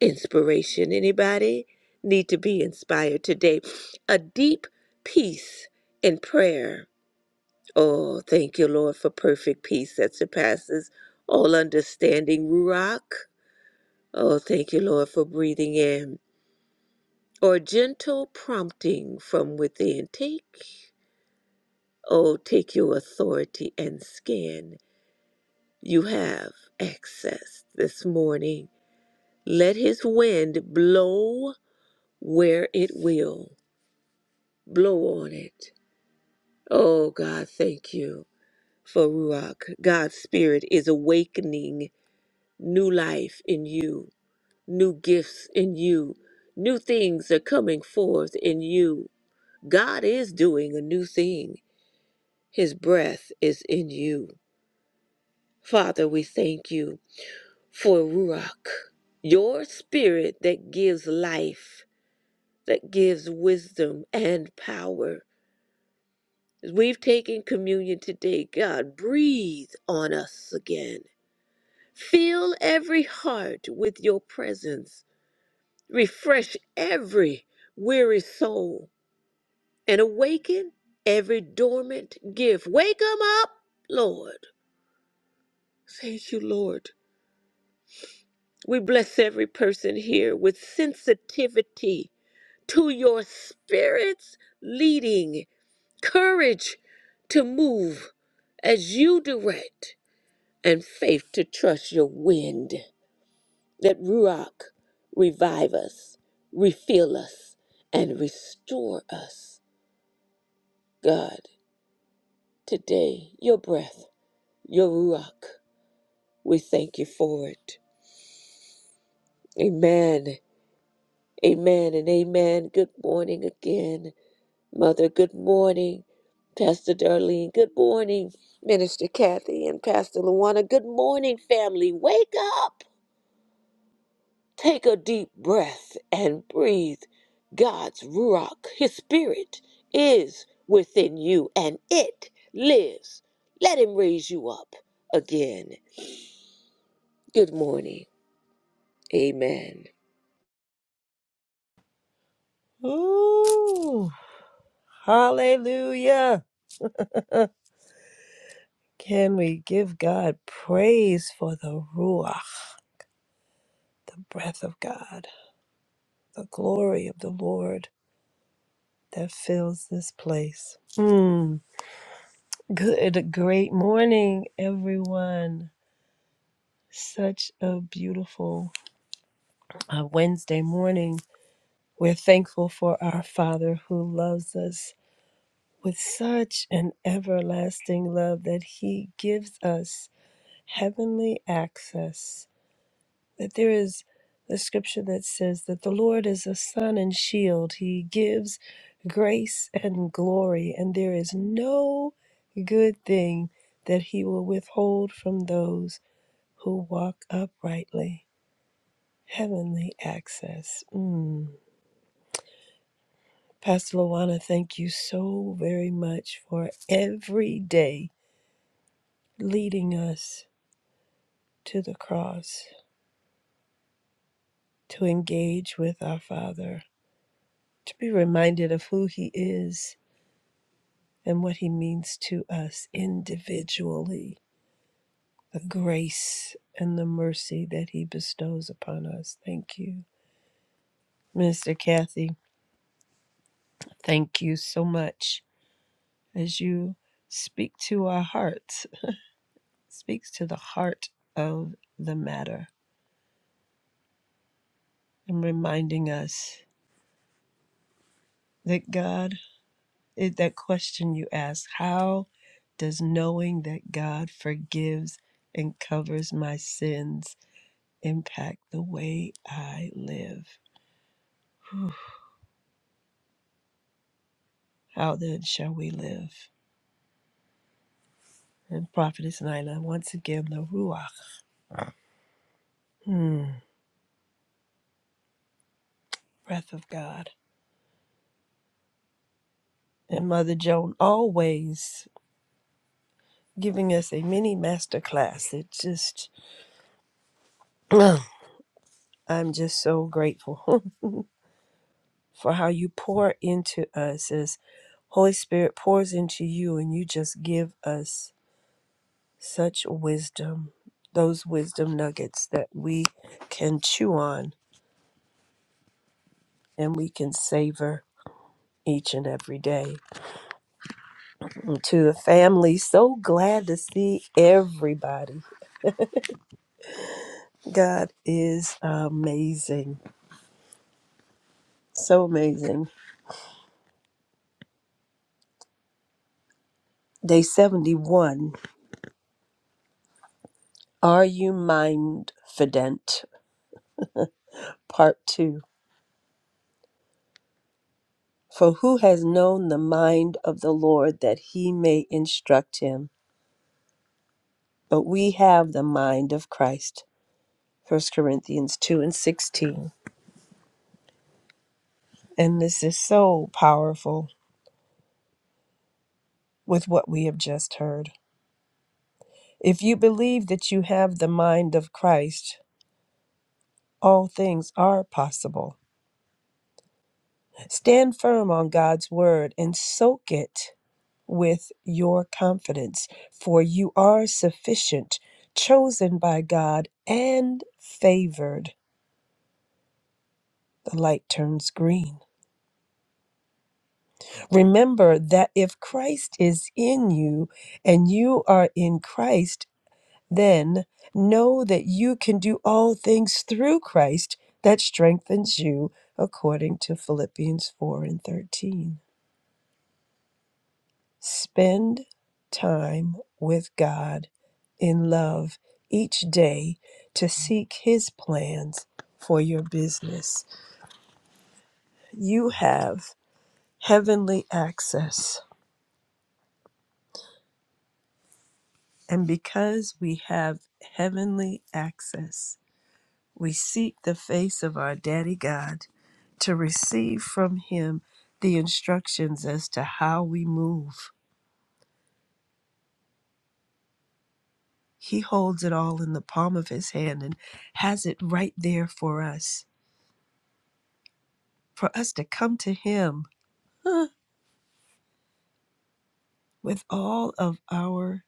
[SPEAKER 3] inspiration. Anybody need to be inspired today? A deep peace in prayer. Oh, thank you, Lord, for perfect peace that surpasses all understanding. Rock. Oh, thank you, Lord, for breathing in. or gentle prompting from within. Take, oh, take your authority and scan. You have access this morning. Let his wind blow where it will. Blow on it. Oh, God, thank you for Ruach. God's Spirit is awakening new life in you, new gifts in you, new things are coming forth in you. God is doing a new thing His breath is in you. Father, we thank you for Ruach, your spirit that gives life, that gives wisdom and power. As we've taken communion today, God, breathe on us again. Fill every heart with your presence. Refresh every weary soul and awaken every dormant gift. Wake 'em up, Lord. Thank you, Lord. We bless every person here with sensitivity to your spirit's leading, courage to move as you direct, and faith to trust your wind. Let Ruach revive us, refill us, and restore us. God, today, your breath, your Ruach, we thank you for it. Amen. Amen and amen. Good morning again. Mother, good morning. Pastor Darlene, good morning. Minister Kathy and Pastor Luana, good morning, family. Wake up. Take a deep breath and breathe. God's Ruach, His Spirit, is within you and it lives. Let Him raise you up again. Good morning. Amen.
[SPEAKER 5] Ooh, hallelujah. Can we give God praise for the Ruach, the breath of God, the glory of the Lord that fills this place? Mm. Good, great morning, everyone. Such a beautiful uh, Wednesday morning. We're thankful for our Father who loves us with such an everlasting love that He gives us heavenly access. That there is the scripture that says that the Lord is a sun and shield. He gives grace and glory, and there is no good thing that he will withhold from those who walk uprightly. Heavenly access. Mm. Pastor Lawana, thank you so very much for every day leading us to the cross to engage with our Father to be reminded of who He is and what He means to us individually, the grace and the mercy that He bestows upon us. Thank you, Minister Kathy. Thank you so much as you speak to our hearts, speaks to the heart of the matter, and reminding us that God, that question you asked, how does knowing that God forgives and covers my sins impact the way I live. Whew. How then shall we live? And Prophetess Nina, once again, the Ruach, hmm, breath of God. And Mother Joan always giving us a mini master class. It just, [clears throat] I'm just so grateful [laughs] for how you pour into us as Holy Spirit pours into you and you just give us such wisdom, those wisdom nuggets that we can chew on and we can savor each and every day. And to the family, so glad to see everybody. God is amazing, so amazing. Day 71 Are you mindfident? Part 2. For who has known the mind of the Lord that he may instruct him? But we have the mind of Christ. First Corinthians 2 and 16. And this is so powerful with what we have just heard. If you believe that you have the mind of Christ, all things are possible. Stand firm on God's word and soak it with your confidence, for you are sufficient, chosen by God and favored. The light turns green. Remember that if Christ is in you and you are in Christ, Then know that you can do all things through Christ that strengthens you, according to Philippians 4 and 13. Spend time with God in love each day to seek His plans for your business. You have heavenly access, and because we have heavenly access, We seek the face of our Daddy God to receive from Him the instructions as to how we move. He holds it all in the palm of His hand and has it right there for us, for us to come to Him huh, with all of our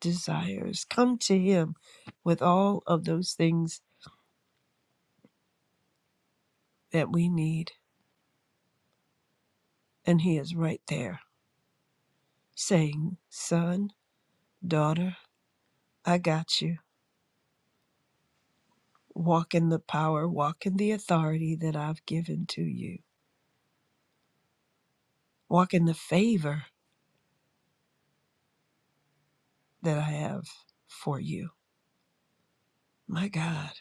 [SPEAKER 5] desires. Come to Him with all of those things that we need, and He is right there saying, Son, daughter, I got you. Walk in the power, walk in the authority that I've given to you, walk in the favor that I have for you. My God,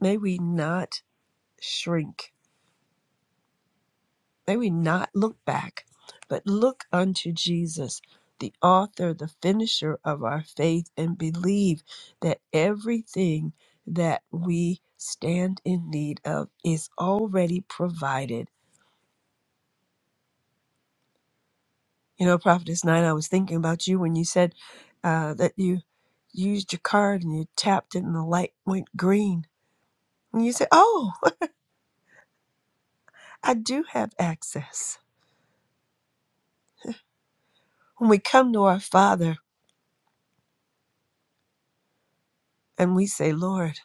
[SPEAKER 5] may we not shrink, may we not look back, but look unto Jesus, the author, the finisher of our faith, and believe that everything that we stand in need of is already provided You know, Prophetess Nine, I was thinking about you when you said uh, that you used your card and you tapped it and the light went green. And you said, Oh, [laughs] I do have access. When we come to our Father and we say, Lord,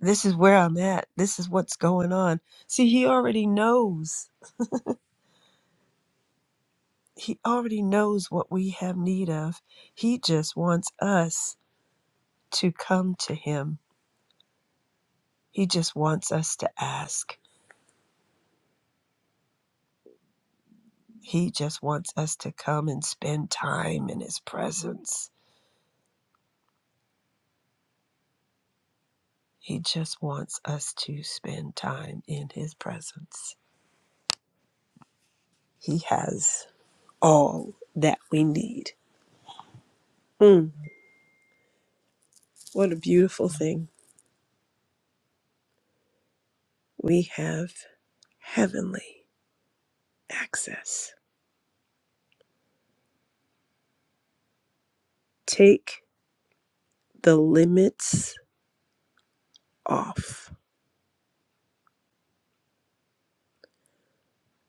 [SPEAKER 5] this is where I'm at, this is what's going on. See, He already knows. He already knows what we have need of. He just wants us to come to Him, He just wants us to ask. He just wants us to come and spend time in His presence. He just wants us to spend time in His presence. He has all that we need. Mm, what a beautiful thing. We have heavenly access. Take the limits off.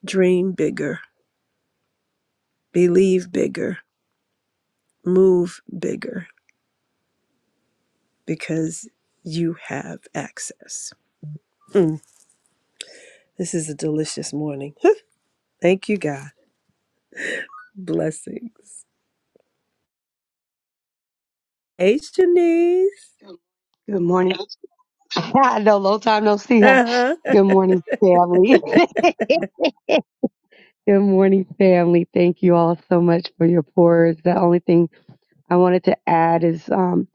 [SPEAKER 5] Dream bigger, believe bigger, move bigger because you have access. Mm, this is a delicious morning. Thank you, God. Blessings. Hey, Shanice.
[SPEAKER 6] Good morning. [laughs] I know, long time no see. Huh?
[SPEAKER 5] Uh-huh.
[SPEAKER 6] Good morning, family.
[SPEAKER 5] [laughs]
[SPEAKER 6] [laughs] Good morning, family. Thank you all so much for your prayers. The only thing I wanted to add is um,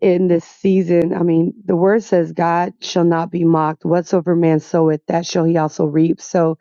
[SPEAKER 6] in this season, I mean, the word says, God shall not be mocked. Whatsoever man soweth, that shall he also reap. So,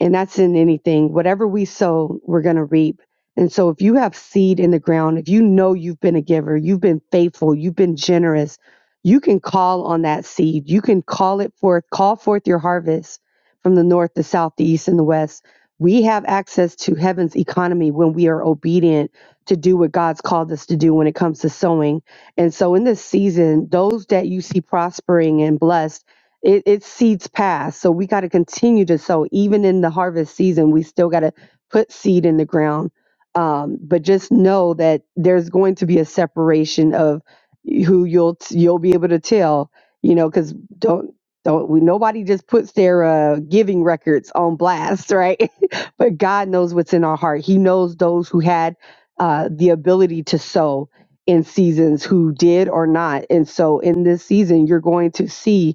[SPEAKER 6] and that's in anything. Whatever we sow, we're going to reap. And so if you have seed in the ground, if you know you've been a giver, you've been faithful, you've been generous, you can call on that seed. You can call it forth, call forth your harvest from the north, the south, the east, and the west. We have access to heaven's economy when we are obedient to do what God's called us to do when it comes to sowing. And so in this season, those that you see prospering and blessed, it, it seeds past. So we got to continue to sow. Even in the harvest season, we still got to put seed in the ground. Um, but just know that there's going to be a separation of who you'll t- you'll be able to tell, you know, because don't don't we, nobody just puts their uh, giving records on blast, right? [laughs] but God knows what's in our heart. He knows those who had uh, the ability to sow in seasons who did or not. And so in this season, you're going to see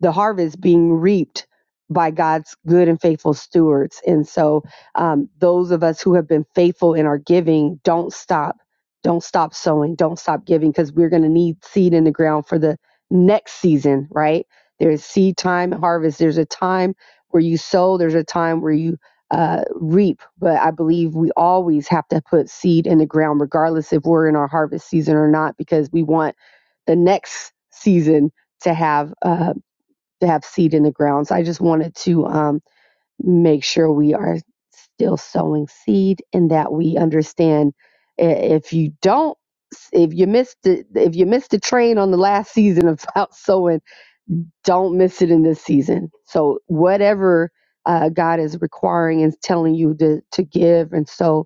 [SPEAKER 6] the harvest being reaped by God's good and faithful stewards. And so, um, those of us who have been faithful in our giving, don't stop. Don't stop sowing. Don't stop giving because we're going to need seed in the ground for the next season, right? There's seed time, and harvest. There's a time where you sow, there's a time where you uh, reap. But I believe we always have to put seed in the ground, regardless if we're in our harvest season or not, because we want the next season to have. Uh, to have seed in the ground. So I just wanted to um, make sure we are still sowing seed and that we understand i- if you don't if you missed it if you missed the train on the last season about [laughs] sowing don't miss it in this season so whatever uh, god is requiring and telling you to, to give and sow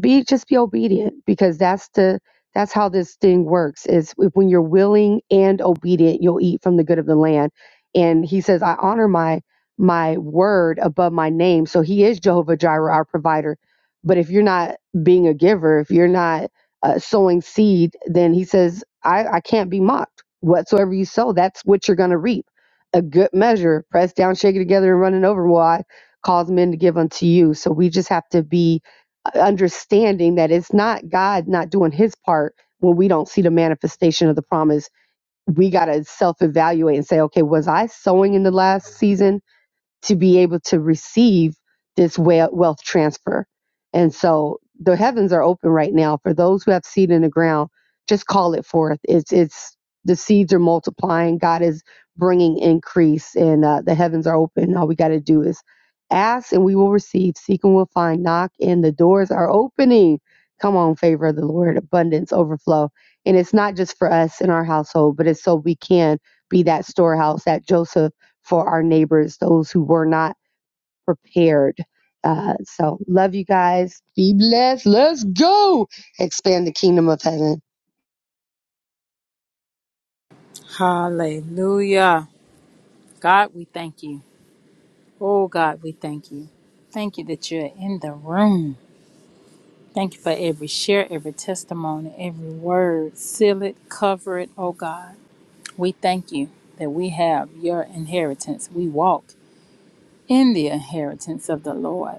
[SPEAKER 6] be just be obedient because that's the that's how this thing works is if- when you're willing and obedient you'll eat from the good of the land and he says i honor my my word above my name so he is jehovah jireh our provider but if you're not being a giver if you're not uh, sowing seed then he says i i can't be mocked whatsoever you sow that's what you're going to reap a good measure pressed down shaken together and running over will i cause men to give unto you so we just have to be understanding that it's not God not doing his part when we don't see the manifestation of the promise. We got to self evaluate and say, okay, was I sowing in the last season? to be able to receive this wealth transfer. And so the heavens are open right now for those who have seed in the ground. Just call it forth. It's it's the seeds are multiplying. God is bringing increase, and uh, the heavens are open. All we got to do is ask, and we will receive. Seek, and we'll find. Knock, and the doors are opening. Come on, favor of the Lord, abundance, overflow. And it's not just for us in our household, but it's so we can be that storehouse that Joseph for our neighbors, those who were not prepared. Uh, so, love you guys. Be blessed. Let's go expand the kingdom of heaven.
[SPEAKER 1] Hallelujah. God, we thank you. Oh, God, we thank you. Thank you that you're in the room. Thank you for every share, every testimony, every word. Seal it, cover it, oh God. We thank you that we have your inheritance. We walk in the inheritance of the Lord.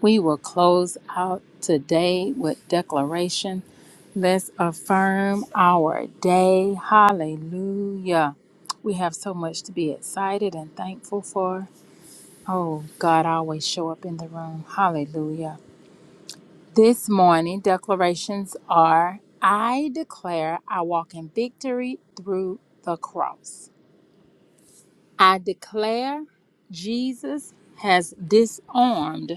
[SPEAKER 1] We will close out today with declaration. Let's affirm our day. Hallelujah. We have so much to be excited and thankful for. Oh, God always show up in the room. Hallelujah. This morning declarations are I declare I walk in victory through the cross. I declare Jesus has disarmed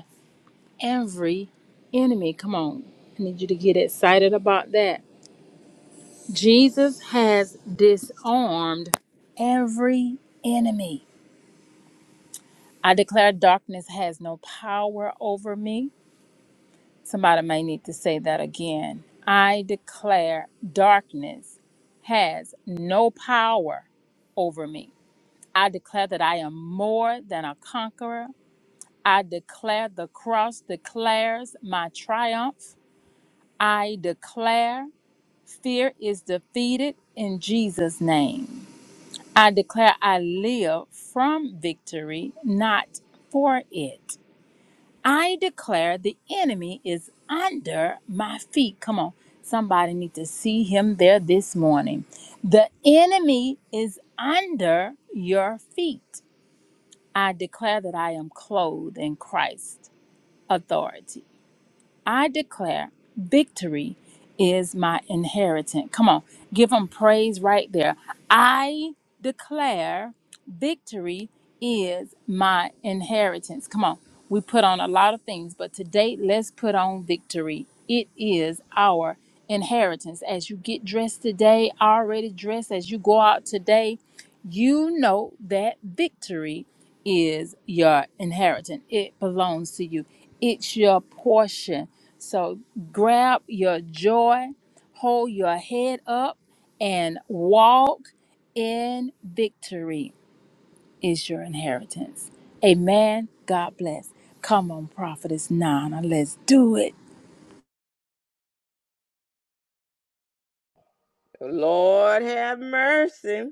[SPEAKER 1] every enemy. Come on. I need you to get excited about that. Jesus has disarmed every enemy. I declare darkness has no power over me. Somebody may need to say that again. I declare darkness has no power over me. I declare that I am more than a conqueror. I declare the cross declares my triumph. I declare Fear is defeated in Jesus' name. I declare I live from victory, not for it. I declare the enemy is under my feet. Come on. Somebody need to see him there this morning. The enemy is under your feet. I declare that I am clothed in Christ's authority. I declare victory is my inheritance. Come on, give them praise right there. I declare victory is my inheritance. Come on, we put on a lot of things, but today let's put on victory. It is our inheritance. As you get dressed today, already dressed, as you go out today, you know that victory is your inheritance. It belongs to you, it's your portion so grab your joy, hold your head up, and walk in victory is your inheritance. Amen. God bless. Come on, Prophetess Nana. Let's do it.
[SPEAKER 3] Lord have mercy.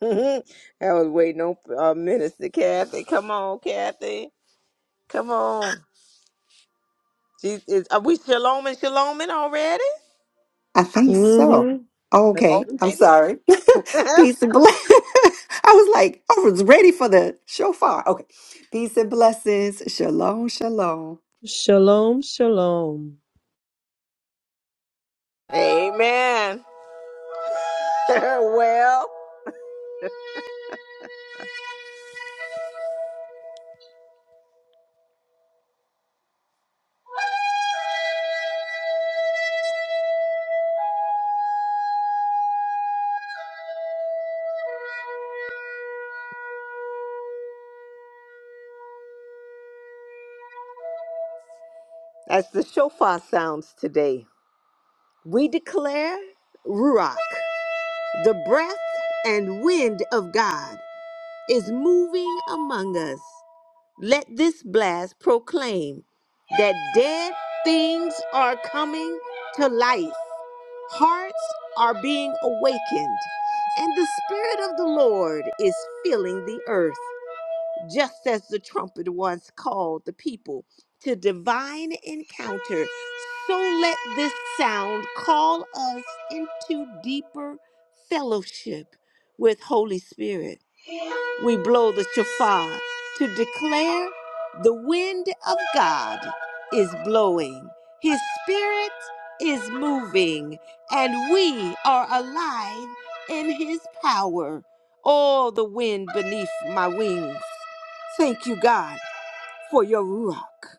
[SPEAKER 3] [laughs] I was waiting on uh, Minister Kathy. Come on, Kathy. Come on. She is, are we shalom and shaloming already?
[SPEAKER 2] I think so.
[SPEAKER 5] Mm hmm
[SPEAKER 2] Okay, I'm
[SPEAKER 3] Already.
[SPEAKER 2] sorry.
[SPEAKER 3] [laughs]
[SPEAKER 2] [laughs] Peace and bless. [laughs] I was like, I was ready for the shofar. Okay. Peace and blessings. Shalom, shalom.
[SPEAKER 5] Shalom, shalom.
[SPEAKER 3] Amen. [laughs] well, as the shofar sounds today, we declare Ruach, the breath and wind of God, is moving among us. Let this blast proclaim that dead things are coming to life, hearts are being awakened, and the Spirit of the Lord is filling the earth. just as the trumpet once called the people to divine encounter, so let this sound call us into deeper fellowship with Holy Spirit we blow the shofar to declare the wind of God is blowing, His Spirit is moving, and we are alive in His power. Oh, the wind beneath my wings. Thank you, God, for your Ruach.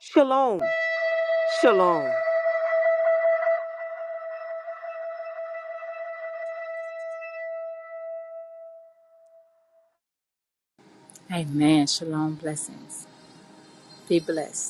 [SPEAKER 3] Shalom, shalom.
[SPEAKER 1] Amen. Shalom. Blessings. Be blessed.